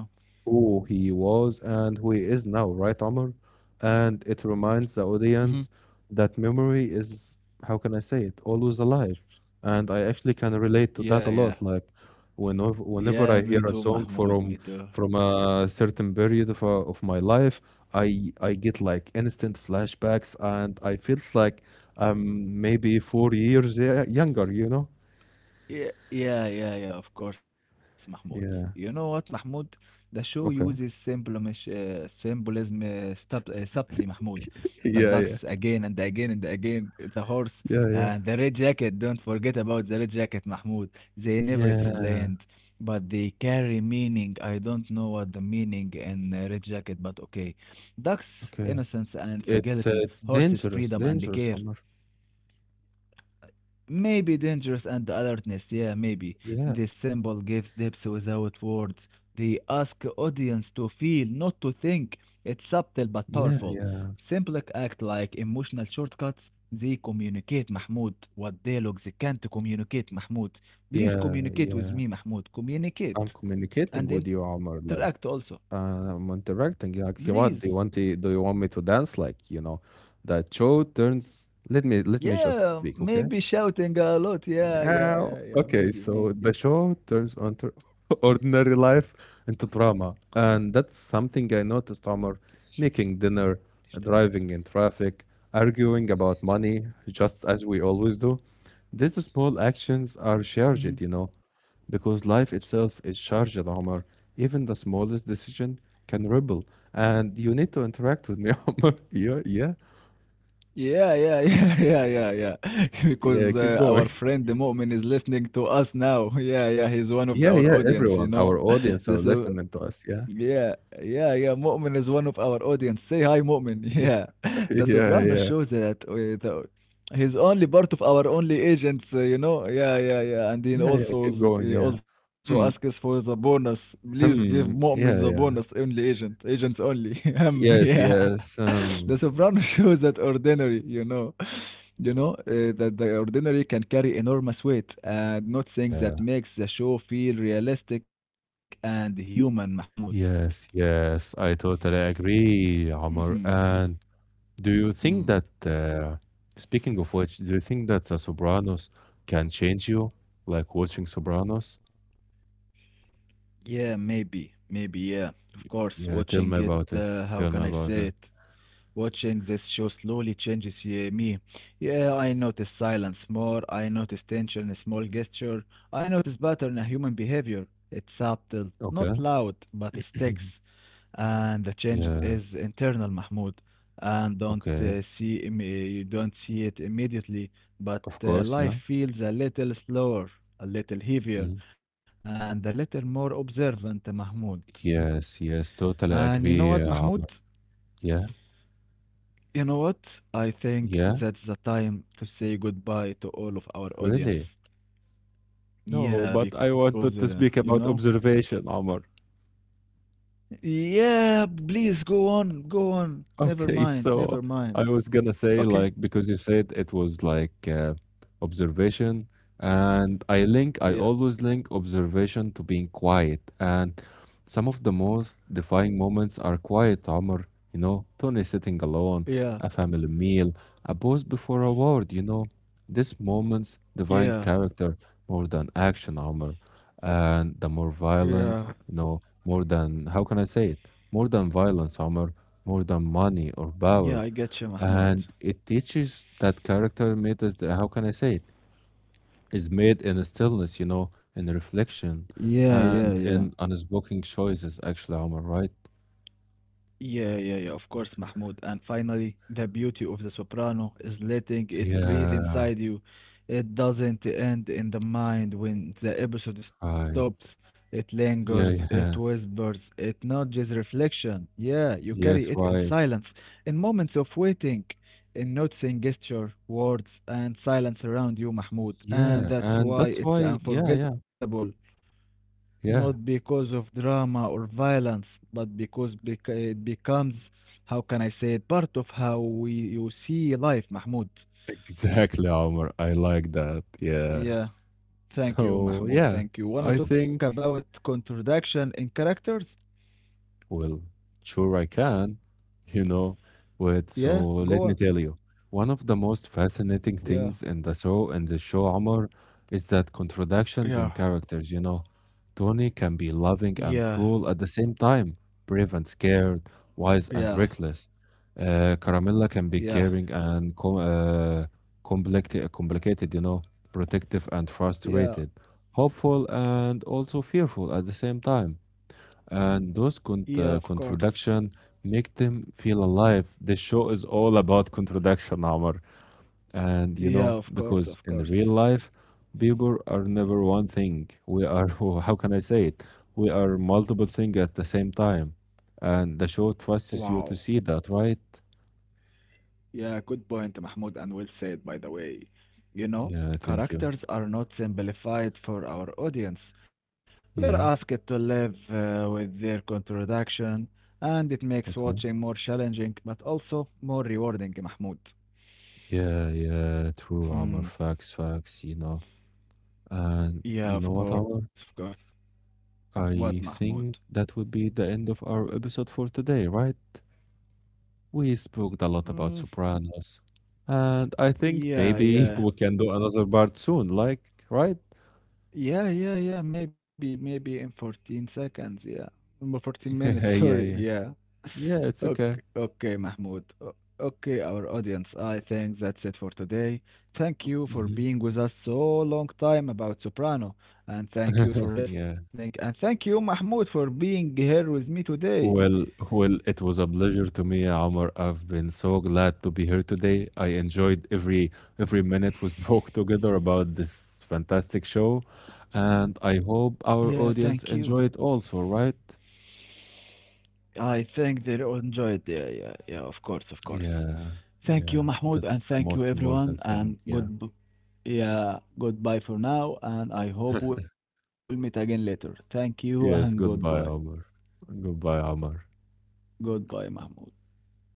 who he was and who he is now, right, Omar? And it reminds
mhm,
the audience that memory is, how can I say it, always alive. And I actually can relate to
yeah,
that a
yeah,
lot. Like whenever
yeah,
whenever
me
I
too,
hear a song
Mahmoud, me too.
from from a certain period of, uh, of my life, I I get like instant flashbacks, and I feels like I'm maybe four years y- younger, you know?
Yeah, yeah, yeah, yeah, of course, Mahmoud. You know what,
Yeah.
Mahmoud? The show uses
Okay.
symbolism, uh, symbolism uh, sub, uh, subtly, Mahmoud. The ducks
Yeah, yeah,
again and again and again, the horse
yeah,
and
yeah.
the red jacket. Don't forget about the red jacket, Mahmoud. They never
Yeah.
explained, but they carry meaning. I don't know what the meaning in uh, red jacket, but okay. Ducks, innocence
Okay.
and fragility.
It's uh, it's
Horses, freedom
dangerous,
and
dangerous,
care.
Omar.
Maybe dangerous and alertness, yeah, maybe.
Yeah.
This symbol gives depth without words. They ask audience to feel, not to think. It's subtle but
Yeah.
powerful.
Yeah.
Simple act like emotional shortcuts. They communicate, Mahmoud, what dialogues can't communicate, Mahmoud. Please
Yeah.
communicate with
Yeah.
me, Mahmoud. Communicate.
I'm
And
communicating with
interact
you,
also.
Omar. Like, uh, I'm interacting.
Please.
Like, "Hey, what do you want? To, do you want me to dance? Like, you know, that show turns. Let me let
Yeah,
me just
maybe
speak, okay?
shouting a lot. Yeah, yeah, yeah,
Uh,
yeah. Maybe,
okay,
maybe.
so the show turns on to ordinary life into drama, and that's something I noticed. Omar making dinner, driving in traffic, arguing about money, just as we always do. These small actions are charged, you know, because life itself is charged, Omar. Even the smallest decision can ripple, and you need to interact with me, Omar. Yeah, yeah,
Yeah, yeah, yeah, yeah, yeah, yeah. Because uh,
yeah. Keep
our
going.
friend the Mu'min is listening to us now. Yeah, yeah, he's one of
Yeah,
our
yeah.
audience, you
Everyone,
know.
our
This
audience, are
is,
listening to us. Yeah.
yeah, yeah, yeah. Mu'min is one of our audience. Say hi, Mu'min. Yeah. The Soprano
Yeah,
shows
yeah.
that uh, the, he's only part of our only agents, uh, you know. Yeah, yeah, yeah. And he
Yeah, yeah,
also
keep
s-
going,
he
yeah.
also asks
Hmm,
for the bonus. Please give Mu'min the
hmm,
bonus
yeah,
only
yeah.
agent, agents only. um, yeah.
Yes, yes,
The Soprano
um,
shows that ordinary, you know. You know, uh, that the ordinary can carry enormous weight and not things that
yeah.
makes the show feel realistic and human, Mahmoud.
Yes, yes, I totally
Hmm.
agree, Omar. And do you think that, uh, speaking of which, do you think that The Sopranos can change you, like watching Sopranos?
Yeah, maybe, maybe, yeah. Of course,
Yeah,
watching
tell
it,
me about
uh,
it.
how can
Tell
I
me
say
about it.
it? Watching this show slowly changes ye- me. Yeah, I notice silence more. I notice tension, in a small gesture. I notice pattern in human behavior. It's subtle, not
Okay.
loud, but it sticks. And the changes
Yeah,
is internal, Mahmoud. And don't
okay.
uh, see im- uh, you don't see it immediately, but
Of
uh,
course,
life
yeah.
feels a little slower, a little
Mhm.
heavier, and a little more observant, Mahmoud.
Yes, yes, totally
And you know what,
agree, Omar.
Mahmoud?
Yeah,
You know what? I think
yeah,
that's the time to say goodbye to all of our
really.
audience.
No, but I
Yeah,
wanted to
because,
speak
uh,
about
you know?
observation, Omar.
Yeah, please go on, go on. Never
Okay,
mind,
so
never
I was
mind.
gonna say like
Okay.
because you said it was like uh, observation, and I link I always
Yeah,
link observation to being quiet and some of the most defining moments are quiet Omar, you know, Tony sitting alone,
yeah,
a family meal, a pause before a word, you know. These moments define
yeah,
character more than action Omar. And the more
yeah.
violence, you know, more than, how can I say it? More than violence Omar, more than money or
Yeah,
power.
I get you, Mahmoud.
And it teaches that character matters, how can I say it? Is made in stillness, you know, in reflection
Yeah, yeah,
and
yeah.
in unspoken choices, actually, Omar, right?
Yeah, yeah, yeah, of course, Mahmoud. And finally, the beauty of the soprano is letting it breathe
Yeah,
inside you. It doesn't end in the mind when the episode stops.
right.
It lingers, it
Yeah, yeah.
whispers, it nudges reflection. Yeah, you carry it in
Yes,
silence,
right.
in moments of waiting, in noticing gesture, words, and silence around you, Mahmoud. And
Yeah,
that's
and
why
that's
it's
why, yeah, yeah,
unforgettable, not
yeah.
because of drama or violence, but because bec- it becomes, how can I say it, part of how we you see life, Mahmoud.
Exactly, Omar. I like that. Yeah.
Yeah, thank you,
So,
Mahmoud.
yeah,
Thank you. Wanna
I
talk
think.
about contradiction in characters?
Well, sure I can, you know.
Yeah,
Wait, so
go on.
let me tell you. One of the most fascinating
Yeah,
things in the show in the show Omar is that contradictions
yeah,
in characters, you know. Tony can be loving
yeah,
and cruel at the same time, brave and scared,
yeah,
wise and reckless. Uh, Caramella can
yeah,
be caring and com uh, complicated, complicated, you know, protective and
yeah,
frustrated, hopeful and also fearful at the same time and those
yeah, of
con uh,
course.
contradiction make them feel alive. The show is all about contradiction, Omar. And
Yeah,
you
of
know,
course, of
because in
course.
real life, people are never one thing. We are, how can I say it? We are multiple things at the same time. And the show
Wow.
trusts you to see that, right?
Yeah, good point, Mahmoud, and well said, by the way. You know,
Yeah, thank you.
characters are not simplified for our audience. We are asked
Yeah,
to live uh, with their contradiction, and it makes watching more
okay.
challenging, but also more rewarding, Mahmoud.
Yeah, yeah, true,
Hmm.
Omar. Facts, facts, you know. And
Yeah,
you
of
know what,
course, of
Omar?
course. What,
I
Mahmoud?
think that would be the end of our episode for today, right? We spoke a lot
Mm,
about Sopranos, and I think
yeah,
maybe
yeah.
we can do another part soon, like, right?
Yeah, yeah, yeah. Maybe, maybe in fourteen seconds, yeah. Number fourteen minutes, sorry,
Yeah, yeah,
yeah.
yeah. Yeah,
Okay,
it's okay.
okay, Mahmoud. O- Okay, our audience, I think that's it for today. Thank you for
Hmm.
being with us so long time about Soprano, and thank you for
Yeah.
listening, and thank you, Mahmoud, for being here with me today.
Well, well, it was a pleasure to me, Omar. I've been so glad to be here today. I enjoyed every every minute we spoke together about this fantastic show, and I hope
Yeah,
our
thank you.
audience enjoy it also, right?
I think they all enjoyed. Yeah, yeah, yeah. Of course, of course.
Yeah,
Thank you,
yeah,
Mahmoud, and
that's
thank
the
you,
most
everyone,
important
and
thing, yeah.
good. Yeah, goodbye for now, and I hope we'll meet again later. Thank you and goodbye.
Yes, goodbye, Omar. Goodbye, Omar.
Goodbye, Mahmoud. Goodbye, Mahmoud.